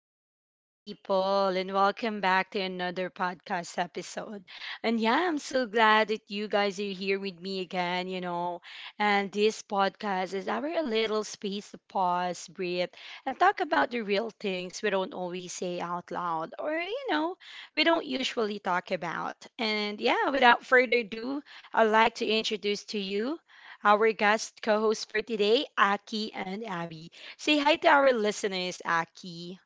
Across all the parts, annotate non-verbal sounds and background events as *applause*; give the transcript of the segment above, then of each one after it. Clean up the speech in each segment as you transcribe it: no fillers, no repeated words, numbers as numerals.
beautiful people, and welcome back to another podcast episode. And yeah, I'm so glad that you guys are here with me again, you know. And this podcast is our little space to pause, breathe, and talk about the real things we don't always say out loud or, you know, we don't usually talk about. And yeah, without further ado, I'd like to introduce to you our guest co host for today, Aki and Abby. Say hi to our listeners, Aki.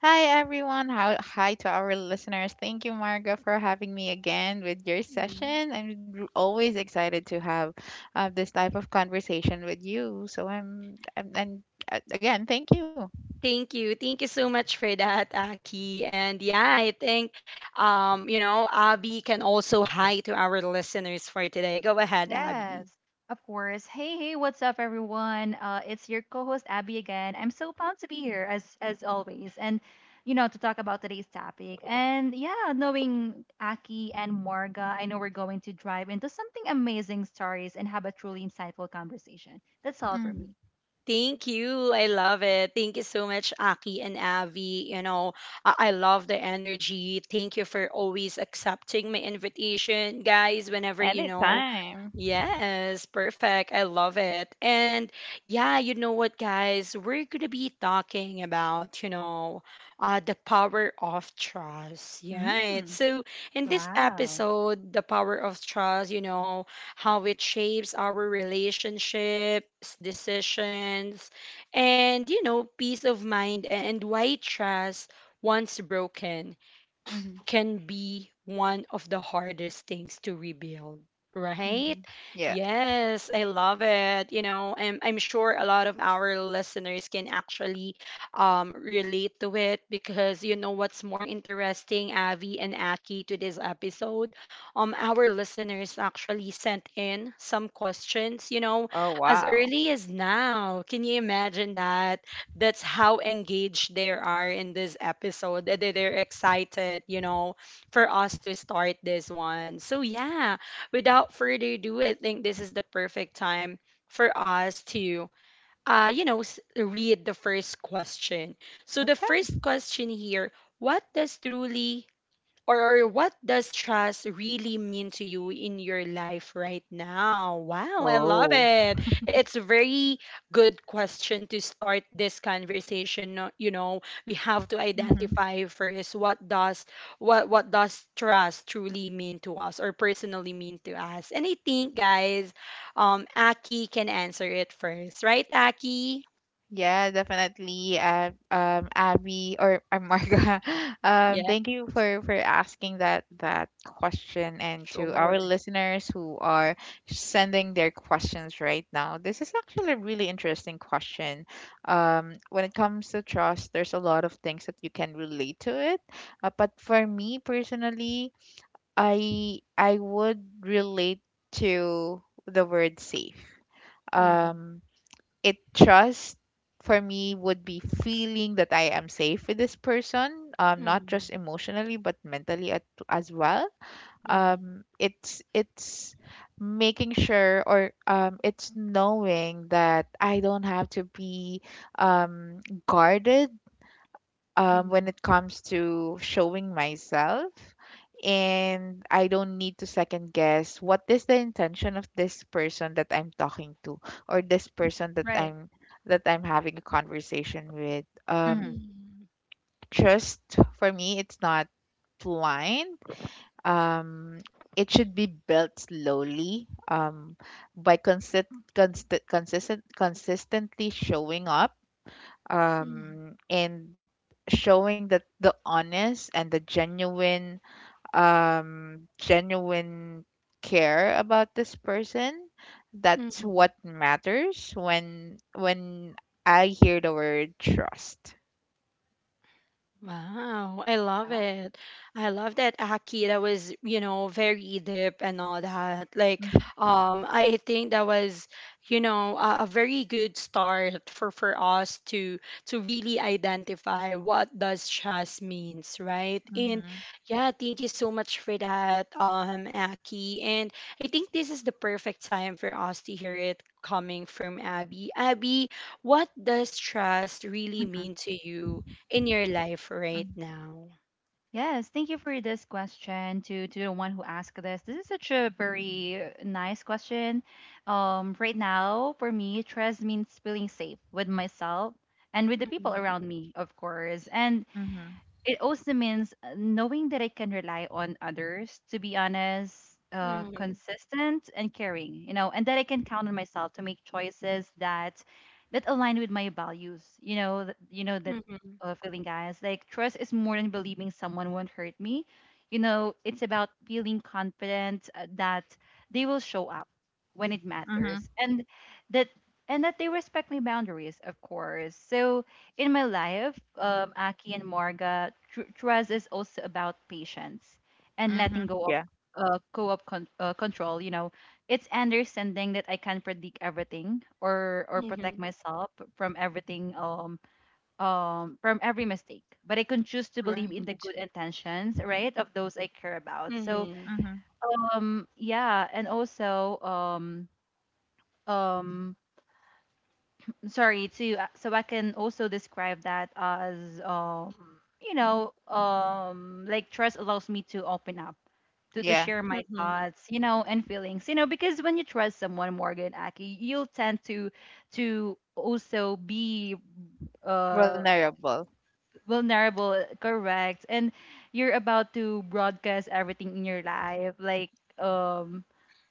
Hi everyone. Hi to our listeners. Thank you, Marga, for having me again with your Mhm. session. I'm always excited to have this type of conversation with you. So I'm and again, thank you. Thank you. Thank you so much for that, Aki. And yeah, I think, you know, Abby can also hi to our listeners for today. Go ahead, Abby. Yes, of course. Hey, hey, what's up, everyone? It's your co-host Abby again. I'm so pumped to be here as always, and to talk about today's topic. And yeah, knowing Aki and Marga, I know we're going to drive into something amazing stories and have a truly insightful conversation. That's all for Hmm. me. Thank you. I love it. Thank you so much, Aki and Abby. You know, I love the energy. Thank you for always accepting my invitation, guys. Whenever, you know. Anytime. Yes, perfect. I love it. And yeah, you know what, guys? We're going to be talking about, you know, the power of trust. Yeah. Mm-hmm. So, in this Wow. episode, the power of trust, you know, how it shapes our relationships, decisions, and, you know, peace of mind, and why trust, once broken, can be one of the hardest things to rebuild, Mm-hmm. right? Yeah. Yes, I love it. You know, I'm sure a lot of our listeners can actually relate to it, because you know what's more interesting, Avi and Aki, to this episode, um, our listeners actually sent in some questions, you know, Oh as wow. early as now. Can you imagine that? That's how engaged they are in this episode. That They, they're excited, you know, for us to start this one. So, yeah, without further ado, I think this is the perfect time for us to, you know, read the first question. So, the Okay. first question here: what does truly, or what does trust really mean to you in your life right now? Wow, I love Oh. it. It's a very good question to start this conversation. No- You know, we have to identify first what does, what does trust truly mean to us, or personally mean to us. And I think, guys, Aki can answer it first, right, Aki? Yeah, definitely. Abby or Marga, *laughs* Yeah, thank you for asking that question, and to our sure. listeners who are sending their questions right now. This is actually a really interesting question. When it comes to trust, there's a lot of things that you can relate to it. But for me personally, I would relate to the word safe. Mm-hmm. Um, it Trust for me would be feeling that I am safe with this person, not just Mm-hmm. emotionally but mentally, as well. It's making sure, or, it's knowing that I don't have to be, um, guarded, Mm-hmm. when it comes to showing myself. And I don't need to second guess what is the intention of this person that I'm talking to, or this person that Right. I'm having a conversation with. Um, Hmm. Mm-hmm. trust for me, it's not blind. Um, it should be built slowly, by consistently showing up, and showing that the honest and the genuine care about this person. That's Mm-hmm. what matters when I hear the word trust. Wow, I love it. I love that, Aki. That was, you know, very deep and all that. Like, Mm-hmm. I think that was, you know, a very good start for us to really identify what does trust means, right? And yeah, thank you so much for that, Aki. And I think this is the perfect time for us to hear it coming from Abby. Abby, what does trust really Wow. mean to you in your life right Mm-hmm. now? Yes, thank you for this question to the one who asked this. This is such a very nice question. Right now, for me, trust means feeling safe with myself and with the people Mhm. around me, of course. And Mm-hmm. it also means knowing that I can rely on others to be honest, Mhm. consistent and caring, you know, and that I can count on myself to make choices that align with my values. You know, you know that Mhm. Feeling, guys. Like trust is more than believing someone won't hurt me. You know, it's about feeling confident that they will show up when it matters, Mm-hmm. That and that they respect my boundaries, of course. So in my life, Aki and Morga, trust is also about patience and letting go of Mm-hmm. Yeah. Control. You know, it's understanding that I can't predict everything or protect Mhm. myself from everything, from every mistake. But I can choose to believe in the Right. good intentions, right, of those I care about. So, Mhm. Mm-hmm. Yeah, and also, um sorry to so I can also describe that as you know like trust allows me to open up to share my Yeah. Mhm. thoughts, you know, and feelings, you know, because when you trust someone, Morgan, Aki, you'll tend to also be uh Vulnerable. vulnerable, correct, and you're about to broadcast everything in your life. Like, um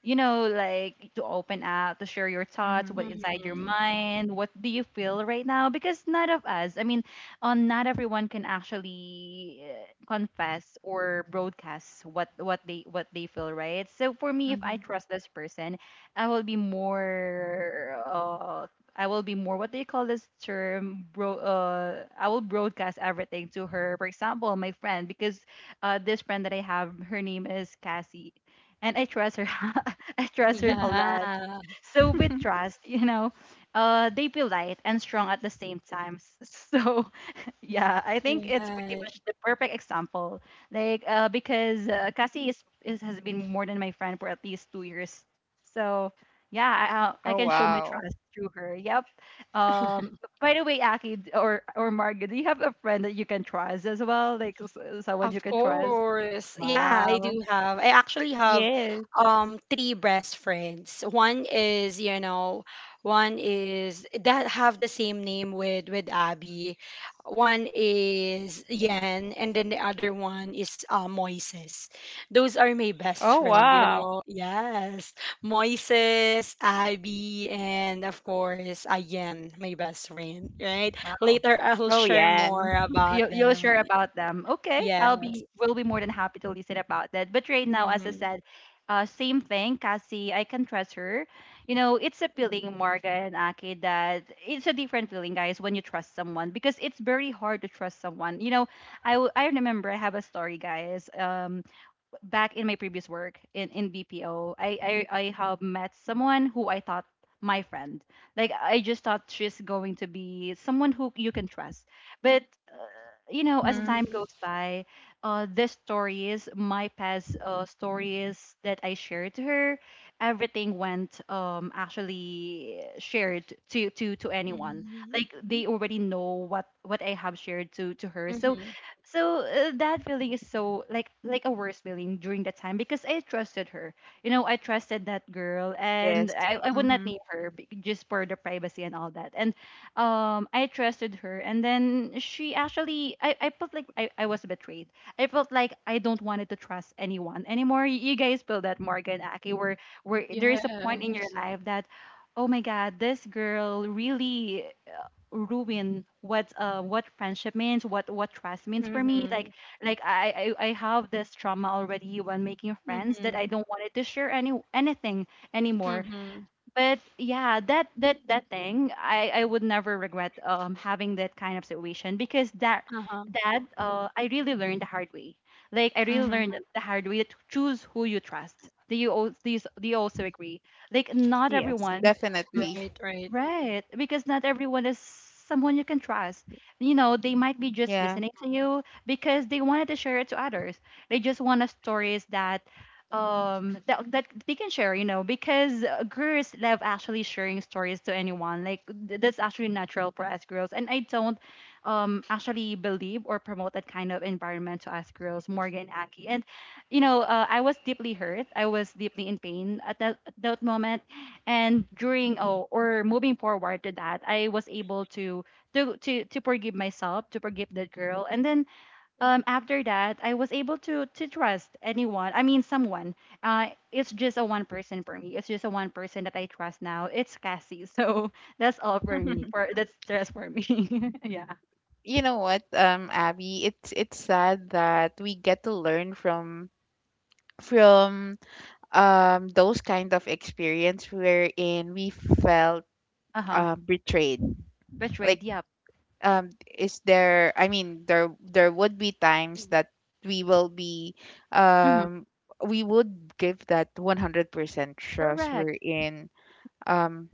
you know, like, to open up to share your thoughts, what Mm-hmm. inside your Mhm. mind, what do you feel right now, because none of us, I mean, on not everyone can actually confess or broadcast what they feel, right? So for me, if I trust this person, I will be more I will be more, what do you call this term, bro? Uh, I will broadcast everything to her. For example, my friend, because this friend that I have, her name is Cassie, and I trust her. *laughs* I trust her a Yeah. lot. Mm-hmm. So with trust, you know, uh, they be light and strong at the same time. *laughs* So yeah, I think it's pretty Right. much the perfect example. Like, because Cassie is has been more than my friend for at least 2 years, so *laughs* yeah, Oh I can show my wow. trust through her. Yep. *laughs* Um. By the way, Aki, or Margaret, do you have a friend that you can trust as well? Like, someone you Of can trust? course. Yeah, I Wow. do have. I actually Yes. have three best friends. One is, you know, one is that have the same name with Abby. One is Yen, and then the other one is Moises. Those are my best Oh friend, you wow. know. Yes. Moises, Abby, and of course, Yen, my best friend, right? Wow. Later I'll Oh share yeah. more about You'll them. share about them. Okay, I'll Yes. be will be more than happy to listen about that. But right now, as I Mhm. said, same thing, Cassie. I can trust her. You know, it's a feeling, Marga and Aki, that it's a different feeling, guys, when you trust someone, because it's very hard to trust someone. You know, I remember I have a story, guys. Back in my previous work in BPO, I have met someone who I thought my friend. Like, I just thought she's going to be someone who you can trust. But, uh, you know, as Mm-hmm. time Mhm. goes by, the stories, my past stories that I shared to her, everything went actually shared to anyone. Mhm. Like, they already know what I have shared to her. So, Mhm. so that feeling is so like a worse feeling during that time because I trusted her. You know, I trusted that girl, Yes. and I would Mm-hmm. not name her just for the privacy and all that. And I trusted her, and then she actually I felt like I was betrayed. I felt like I don't wanted to trust anyone anymore. You guys feel that, Morgan, Aki, where there is a point in Yes. your life that. Oh my God, this girl really ruin what friendship means, what trust means for me, Mhm. Like I have this trauma already when making friends that I Mhm. don't wanted to share anything anymore. Mhm. But yeah, that that thing, I would never regret having that kind of situation, because that Uh-huh. that I really learned the hard way, like I really learned Mm-hmm. the hard way to choose who you trust. Do you, do you also agree, like, not Yes, everyone. Definitely. Right. Right, because not everyone is someone you can trust. You know, they might be Yeah. just listening to you because they wanted to share it to others. They just want a stories that that that they can share, you know, because girls love actually sharing stories to anyone. Like that's actually natural for us girls. And I don't actually believe or promote that kind of environment to us girls, Morgan, Aki. And you know, I was deeply hurt. I was deeply in pain at that moment, and during oh, or moving forward to that, I was able to to forgive myself, to forgive that girl, and then after that, I was able to trust anyone, I mean someone, it's just a one person for me, it's just a one person that I trust now, it's Cassie. So *laughs* that's all for Yeah. me *laughs* for that's just for me. *laughs* Yeah. You know what, Abby, it's sad that we get to learn from those kind of experience wherein we felt, Uh-huh. Betrayed. Betrayed, Like, yep. Is there? I mean, there would be times that we will be Mm-hmm. um we would give that 100% trust, Correct. wherein, um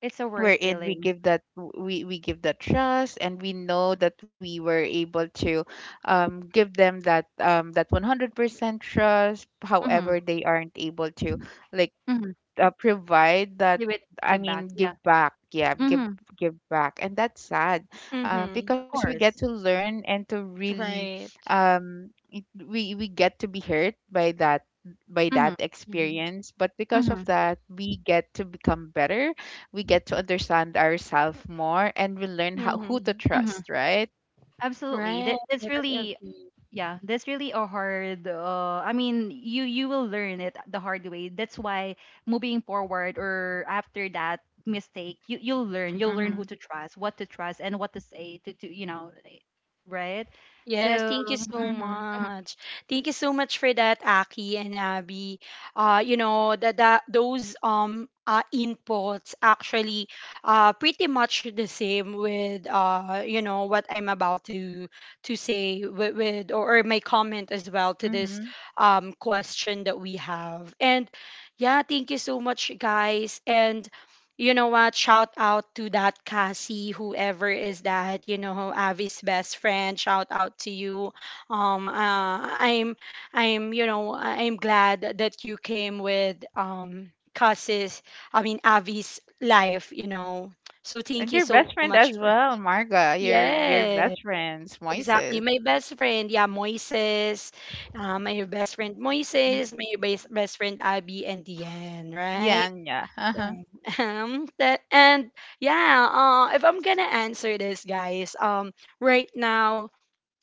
It's a worst we give feeling. that, we give that trust, and we know that we were able to, give them that, that 100% trust, Mm-hmm. however they aren't able to, like, Mm-hmm. Provide that. Give it. I Give back, mean, yeah. give back. Yeah, give Mm-hmm. give back. And that's sad, because Mhm. we Of get to course. learn, and to really, Right. We get to be hurt by that, Mm-hmm. Mhm. experience. But because Mm-hmm. of that, we get to become better. We get to understand ourselves more, and we learn how who to Mhm. Mm-hmm. trust, right? Absolutely. Right. That that's I really agree. yeah, that's really a hard I mean, you will learn it the hard way. That's why moving forward or after that mistake, you you'll learn. You'll learn who Mhm. to trust, what to trust and what to say to you know, like, right? Yes, So thank you so mm-hmm, Mhm. much. Thank you so much for that, Aki and Abby. You know, that those inputs actually, uh, pretty much the same with, uh, you know, what I'm about to say with, or my comment as well to this Mhm. Question that we have. And yeah, thank you so much, guys. And you know what? Shout out to that Cassie, whoever is that, you know, Avi's best friend. Shout out to you. Um, uh, I'm, I'm, you know, I'm glad that you came with, um, Cassie's, I mean Avi's life, you know. So thank And you your so best much friend for. as well, Marga. Your Yeah, best friends exactly. Moises. My best friend, yeah, Moises. My best friend Moises, my best friend Abby and Diane, Yeah. right? And yeah. *laughs* Um, *laughs* that, and yeah, if I'm gonna answer this, guys, right now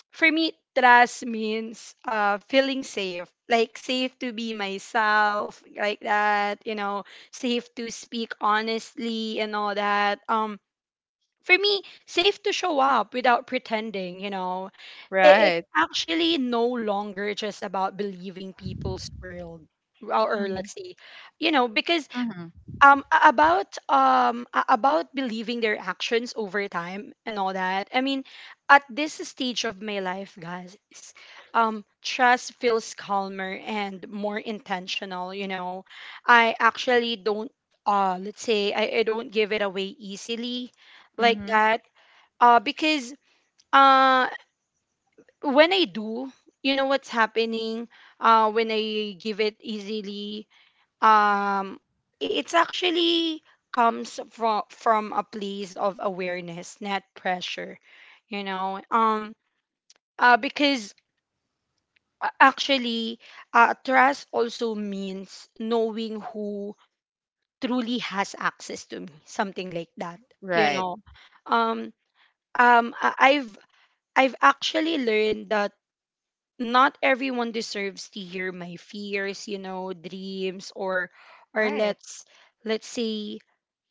for me, trust means, uh, feeling safe, like safe to be myself, like that, you know, safe to speak honestly and all that. For me, safe to show up without pretending, you know. It's Right. actually no longer just about believing people's world, or Mhm. let's say, you know, because mm-hmm, about, about believing their actions over time and all that. I mean, at this stage of my life, guys, um, trust feels calmer and more intentional, you know. I actually don't, uh, let's say, I don't give it away easily, like Mhm. that, uh, because, uh, when I do, you know what's happening, uh, when I give it easily, um, it's actually comes from a place of awareness, not pressure, you know. Um, because, actually, trust also means knowing who truly has access to me, something like that, you Right. know. um I've, I've actually learned that not everyone deserves to hear my fears, you know, dreams, or right. let's say,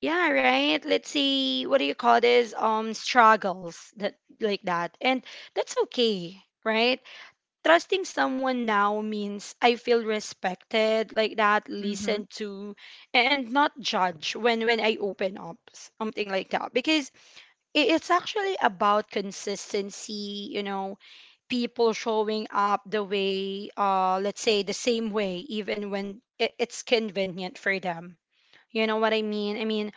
yeah, right. Let's say, what do you call this? Um, struggles that, like that. And that's okay, right? Trusting someone now means I feel respected, like that, Mhm. listened to and not judged when I open up, something like that. Because it's actually about consistency, you know, people showing up the way, uh, let's say the same way, even when it's convenient for them. You know what I mean?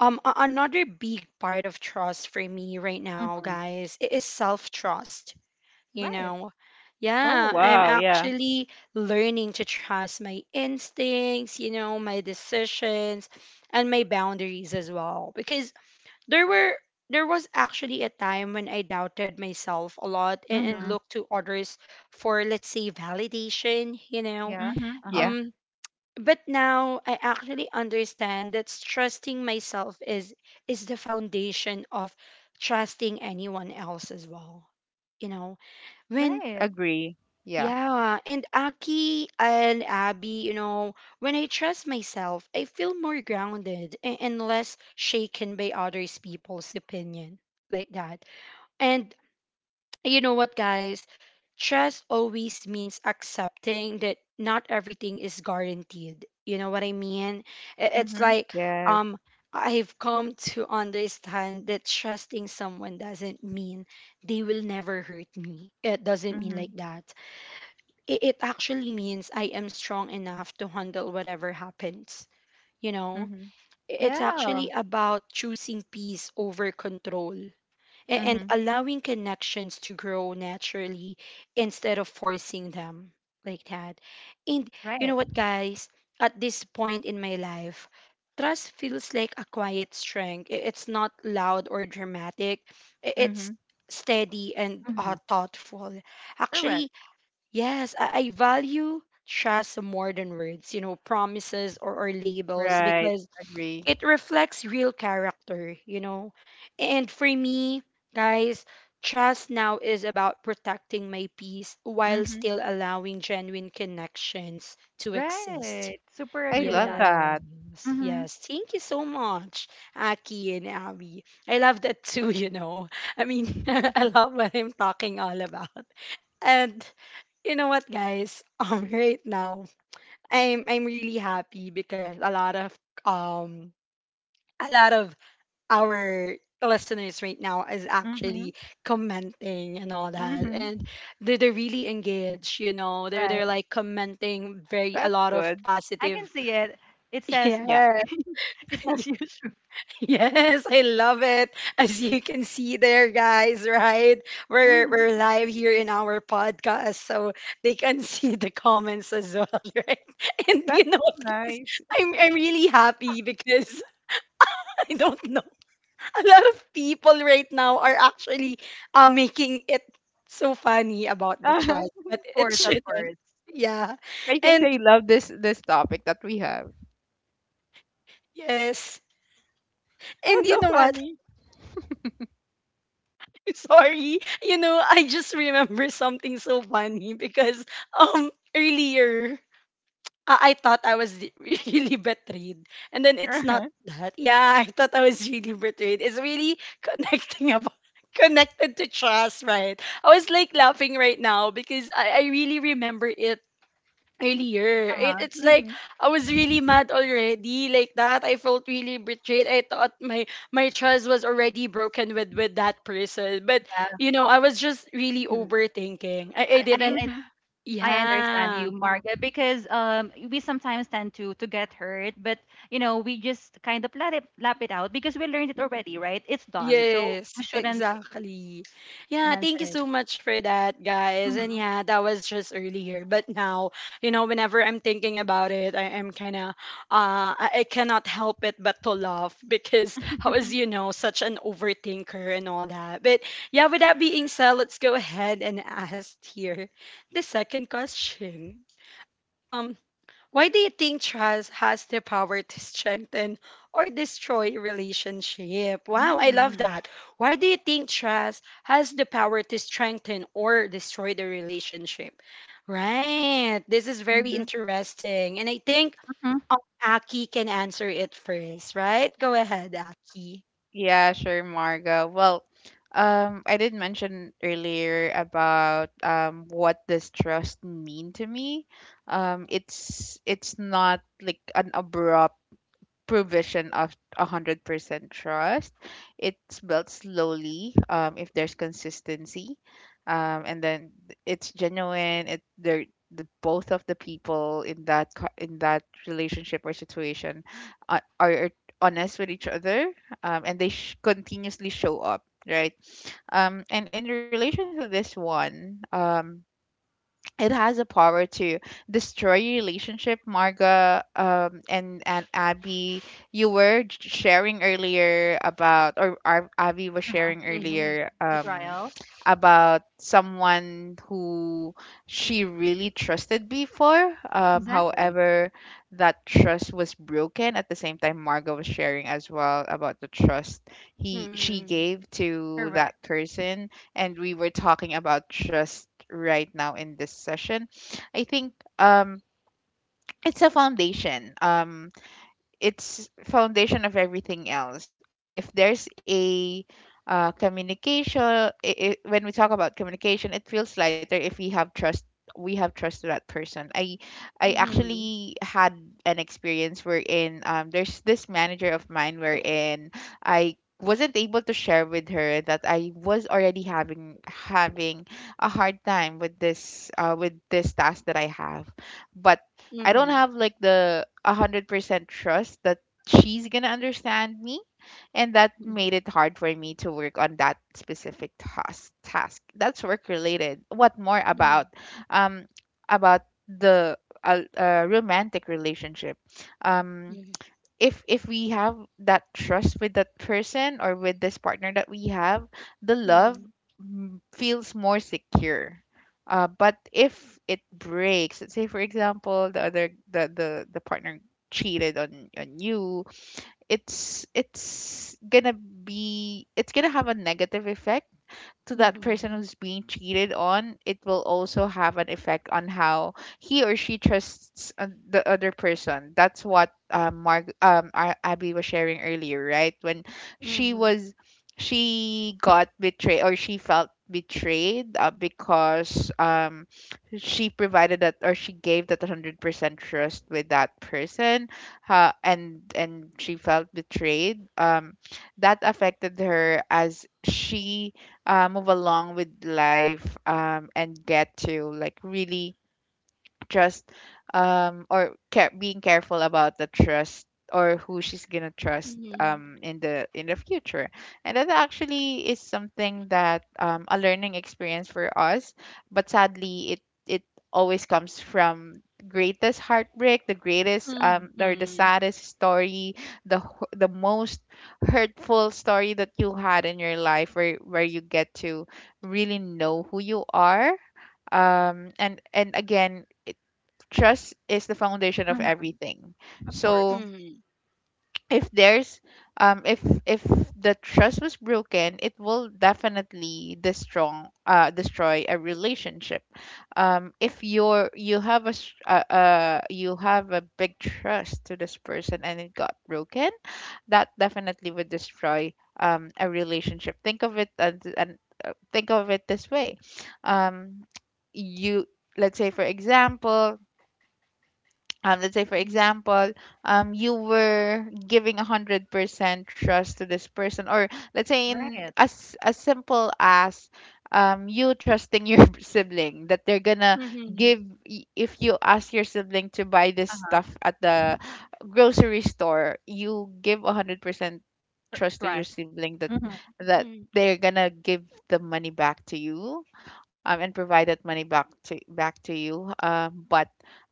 Um, another big part of trust for me right now, Hmm. guys, is self trust, you Right. know. Oh, Yeah, I'm wow. Yeah. actually learning to trust my instincts, you know, my decisions and my boundaries as well. Because there were, there was actually a time when I doubted myself a lot, and Hmm. looked to others for, let's say, validation, you know. Yeah. Mhm. Yeah. Uh-huh. Um, but now I actually understand that trusting myself is the foundation of trusting anyone else as well. You know, when, Right. Agree. Yeah. yeah, and Aki and Abby, you know, when I trust myself, I feel more grounded and less shaken by others people's opinion, like that. And you know what, guys? Trust always means accepting that not everything is guaranteed. You know what I mean? It's Mhm. like, Yes. um, I've come to understand that trusting someone doesn't mean they will never hurt me. It doesn't mean, Mhm. like that, it actually means I am strong enough to handle whatever happens. You know, Mhm. It's actually Yeah. about choosing peace over control, and Mhm. allowing connections to grow naturally instead of forcing them, like that. And you know Right. what, guys? At this point in my life, trust feels like a quiet strength. It's not loud or dramatic, it's Mhm. steady and, Mm-hmm. thoughtful. Actually, Correct. yes, I value trust more than words, you know, promises, or labels, Right. because Agree. it reflects real character, you know. And for me, guys, trust now is about protecting my peace while Mhm. still allowing genuine connections to exist. Right. Super I agree with love that. that. Yes, Mm-hmm. yes. Thank you so much, Aki and Abby. I love that too, *laughs* you know. I mean, *laughs* I love what I'm talking all about. And you know what, guys? *laughs* Right now, I'm really happy because um a lot of our listeners right now is actually Mhm. commenting and all that, and Mhm. They're really engaged. You know, Right. they're like commenting very a That's lot of good. I can positive. see it. It *laughs* says, Yeah. Yeah, *laughs* it says usual. *laughs* yes, I love it. As you can see there, guys, right? Mhm. We're live here in our podcast, so they can *laughs* see the comments as well, *laughs* right? And That's you know so what, guys, nice. *laughs* I'm really happy because *laughs* I don't know. A lot of people right now are actually, making it so funny about the Uh-huh. tribe, but Of it course, of shouldn't. course. Yeah. I think And they love this topic that we have. yes. Oh, And you so know what? funny. *laughs* Sorry. You know, I just remember something so funny because, um, earlier I thought I was *laughs* really betrayed. And then *laughs* it's not Uh-huh. that. Yeah, I thought I was really betrayed. It's really connecting about *laughs* connected to trust, right? I was like laughing right now because I really remember it earlier. Uh-huh. It's like Mhm. I was really mad already, like that. I felt really betrayed. I thought my trust was already broken with that person. But Yeah. *clears throat* you know, I was just really Mm. overthinking. I I, I didn't. I Mhm. I understand Yeah, you, Margaret, because we sometimes tend to get hurt, but you know we just kind of let it lap it out because we learned it already, right? It's done, so yes, we shouldn't exactly. Yeah, thank mention you it. so much for that, guys. And Mm-hmm, yeah, that was just earlier. But now, you know, whenever I'm thinking about it, I am kind of, I cannot help it but to laugh *laughs* because I was, you *laughs* know, such an overthinker and all that. But yeah, with that being said, let's go ahead and *laughs* ask here the second question. Um, why do you think trust has the power to strengthen or destroy relationship? Wow, I love Mhm. that. Why do you think trust has the power to strengthen or destroy the relationship? Right. This is very Mhm. interesting. And I think mm-hmm, um, Aki can answer it first, right? Go ahead, Aki. Yeah, sure, Margo. Well, I did mention earlier about, what does trust mean to me. It's not like an abrupt provision of 100% trust. It's built slowly, if there's consistency. And then it's genuine. It They're the both of the people in that in that relationship or situation are honest with each other, and they continuously show up, right, and in relation to this one, it has a power to destroy your relationship, Marga, and Abby. You were j- sharing earlier about or Ar- Abby was uh-huh. sharing Mm-hmm. earlier, Betrayal, about someone who she really trusted before. Exactly, However, that trust was broken. At the same time, Marga was sharing as well about the trust he she Mm-hmm. gave to correct. that person, and we were talking about trust right now in this session. I think, um it's a foundation. It's foundation of everything else. If there's a communication I when we talk about communication, it feels lighter if we have trust. We have trust to that person. I Mm-hmm. actually had an experience wherein, there's this manager of mine wherein I wasn't able to share with her that I was already having a hard time with this, with this task that I have. But I don't Mm-hmm. have like the 100% trust that she's going to understand me. And that made it hard for me to work on that specific task. That's work related. What more Mm-hmm. about, um about the romantic relationship? Um Mm-hmm. if we have that trust with that person or with this partner that we have, the love, Mm-hmm. Feels more secure. But if it breaks, let's say for example, the other the partner cheated on you. It's gonna have a negative effect to that person Mm-hmm. who's being cheated on. It will also have an effect on how he or she trusts, the other person. That's what, Abby was sharing earlier, right? When she Mm-hmm. was, she got betrayed, or she felt betrayed, because, she provided that, or she gave that 100% trust with that person. And she felt betrayed. That affected her as she, move along with life, and get to like really trust, or care, being careful about the trust, or who she's gonna trust, Mm-hmm. In the future. And that actually is something that, a learning experience for us. But sadly it always comes from greatest heartbreak, the greatest, or Mm-hmm. the saddest story, the most hurtful story that you had in your life, where you get to really know who you are. And again, trust is the foundation of Hmm. everything. Of So course, Mm-hmm. if there's, um if if the trust was broken, it will definitely destroy a relationship. If you're you have a s- You have a big trust to this person and it got broken, that definitely would destroy, a relationship. Think of it, and think of it this way. Um you Let's say for example, um, let's say for Mhm. example you were giving 100% trust to this person, or let's say, in right. as simple as, you trusting your *laughs* sibling that they're gonna Mhm. give if you ask your sibling to buy this Uh huh. stuff at the grocery store, you give 100% trust to your Trust. sibling that Mm-hmm, that Mhm. they're gonna give the money back to you, and provide that money back to you. But,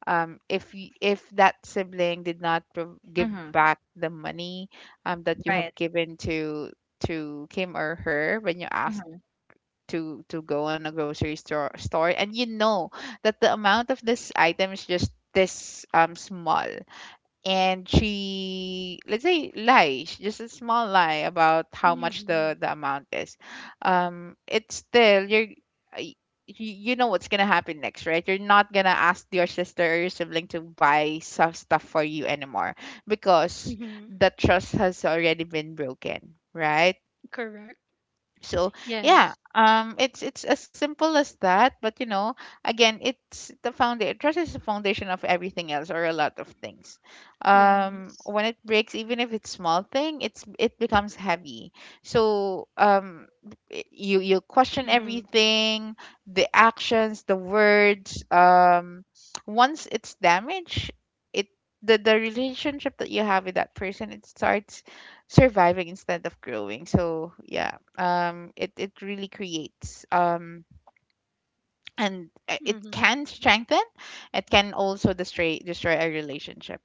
if that sibling did not give mm-hmm. back the money, that you have Right. given to him or her when you asked Mm-hmm, to go on a grocery store and you know that the amount of this item is just this, small. And she, let's say, lies just a small lie about how much the Mhm. the amount is. It's still you're y- You know what's gonna happen next, right? You're not gonna ask your sister or your sibling to buy some stuff for you anymore, because Mhm. the trust has already been broken, right? Correct. So yeah. Yes. It's as simple as that. But you know, again, it's the foundation. Trust is the foundation of everything else, or a lot of things. Yes. When it breaks, even if it's small thing, it becomes heavy. So, you question Mhm. everything, the actions, the words. Once it's damaged, it the relationship that you have with that person, it starts surviving instead of growing. So yeah. It really creates, and it Mhm. can strengthen, it can also destroy a relationship.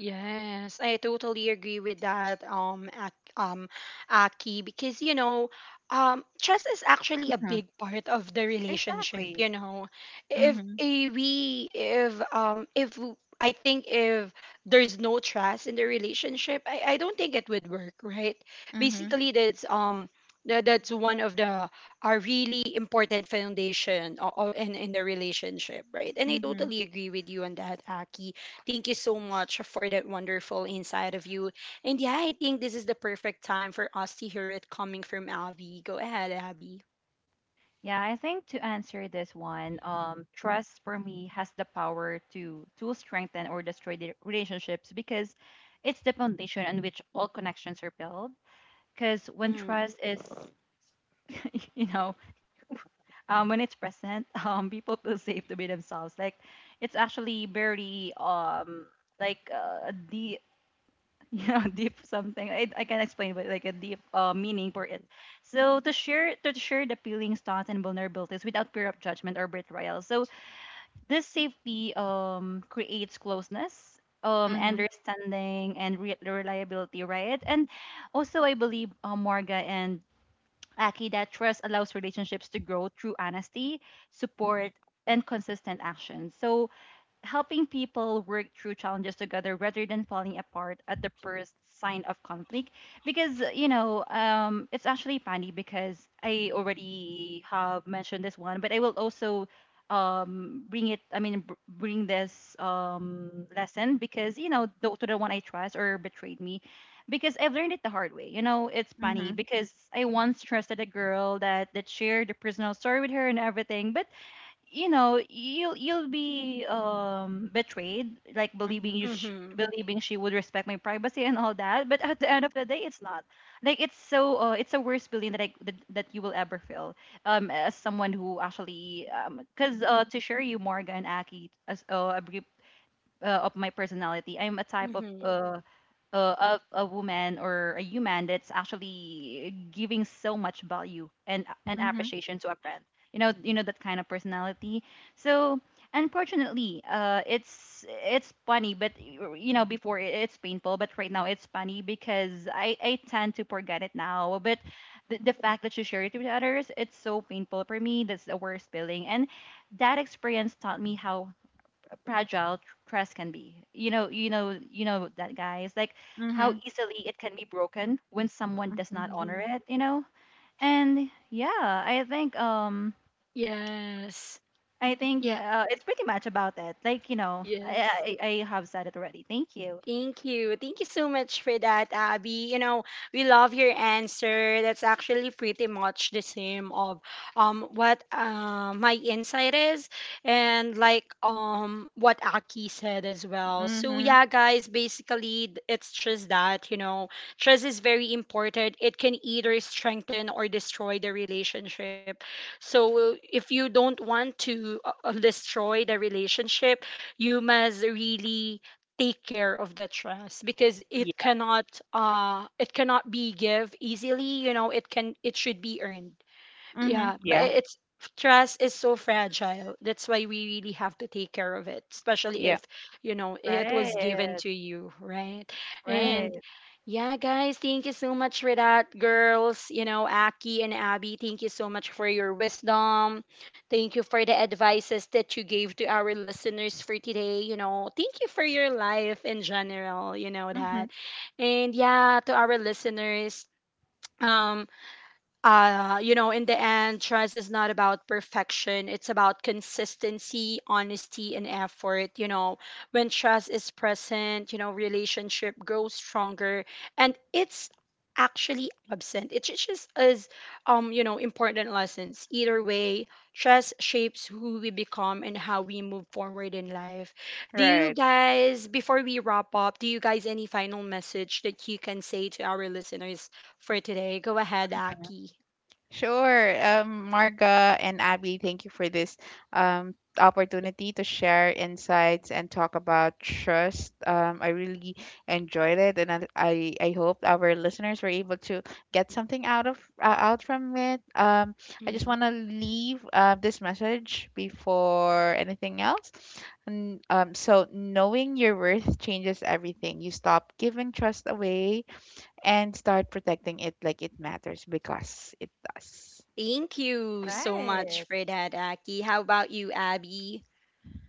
Yes, I totally agree with that, Aki, because you know, trust is actually a mm-hmm. big part of the relationship. Exactly. You know, if Mm-hmm. eh, we, if w- I think if there's no trust in the relationship, I don't think it would work, right? Mm-hmm. Basically, that's that's one of the a really important foundation in the relationship, right? And I Mm-hmm. totally agree with you on that, Aki. Thank you so much for that wonderful insight of you. And yeah, I think this is the perfect time for us to hear it coming from Abby. Go ahead, Abby. Yeah, I think to answer this one, trust for me has the power to strengthen or destroy the relationships because it's the foundation on which all connections are built. Because when Mm. trust is, *laughs* you know, when it's present, *laughs* people feel safe to be themselves. Like it's actually very like the yeah *laughs* deep something I can explain but like a deep meaning for it, so to share the feelings, thoughts and vulnerabilities without fear of judgment or betrayal. So this safety creates closeness, um, Mm-hmm. understanding and reliability, right? And also I believe, Morga and Aki, that trust allows relationships to grow through honesty, support, and consistent action, so helping people work through challenges together rather than falling apart at the first sign of conflict. Because you know, it's actually funny, because I already have mentioned this one, but I will also bring it, I mean bring this lesson, because you know, the, to the one I trust or betrayed me, because I've learned it the hard way. You know, it's Mm-hmm. funny because I once trusted a girl that shared a personal story with her and everything. But you know, you'll be betrayed, like believing Mm-hmm. Mm-hmm. believing she would respect my privacy and all that, but at the end of the day it's not like, it's so it's a worse feeling that, I, that you will ever feel as someone who actually um, because uh, to share you Morgan Aki, as a brief of my personality, I'm a type Mm-hmm. Of a woman or a human that's actually giving so much value and Mm-hmm. appreciation to a friend. You know that kind of personality. So unfortunately, it's funny, but you know, before it, it's painful, but right now it's funny because I tend to forget it now. But the fact that you share it with others, it's so painful for me. That's the worst feeling, and that experience taught me how fragile trust can be. You know, you know, you know that, guys, like Mm-hmm. how easily it can be broken when someone does Mm-hmm. not honor Mm-hmm. it. You know, and yeah, I think. Yes. I think Yeah. It's pretty much about it. Like you know, Yes. I I have said it already. Thank you. Thank you. Thank you so much for that, Abby. You know, we love your answer. That's actually pretty much the same of what my insight is, and like what Aki said as well. So Mm-hmm. yeah, guys, basically it's just that, you know, trust is very important. It can either strengthen or destroy the relationship. So if you don't want to destroy the relationship, you must really take care of the trust because Yeah. It cannot be give easily, you know, it can it should be earned. Mm-hmm. Yeah, but Yeah. it's, trust is so fragile. That's why we really have to take care of it, especially Yeah. if, you know, it was Right, given to you, right? Mm-hmm. right, And yeah, guys, thank you so much for that, girls. You know, Aki and Abby, thank you so much for your wisdom. Thank you for the advices that you gave to our listeners for today. You know, thank you for your life in general, you know Mm-hmm. that. And yeah, to our listeners, um you know, in the end, trust is not about perfection. It's about consistency, honesty, and effort. You know, when trust is present, you know, relationship grows stronger, and it's actually absent. It just is, you know, important lessons. Either way, trust shapes who we become and how we move forward in life. Right. Before we wrap up, do you guys any final message that you can say to our listeners for today. Go ahead, Aki. Sure. Marga and Abby, thank you for this, opportunity to share insights and talk about trust. I really enjoyed it, and I hope our listeners were able to get something, out from it. I just Hmm. want to leave, this message before anything else. And so knowing your worth changes everything. You stop giving trust away and start protecting it like it matters because it does. Thank you so much right. for that, Aki. How about you, Abby?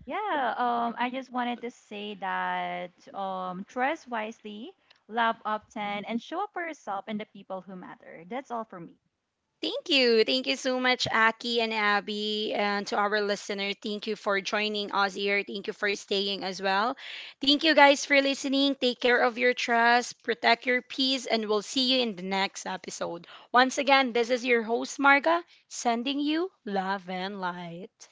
Yeah. I just wanted to say that dress wisely, love often, and show up for yourself and the people who matter. That's all for me. Thank you. Thank you so much, Aki and Abby. And to our listener, thank you for joining us here. Thank you for staying as well. Thank you guys for listening. Take care of your trust, protect your peace, and we'll see you in the next episode. Once again, this is your host, Marga, sending you love and light.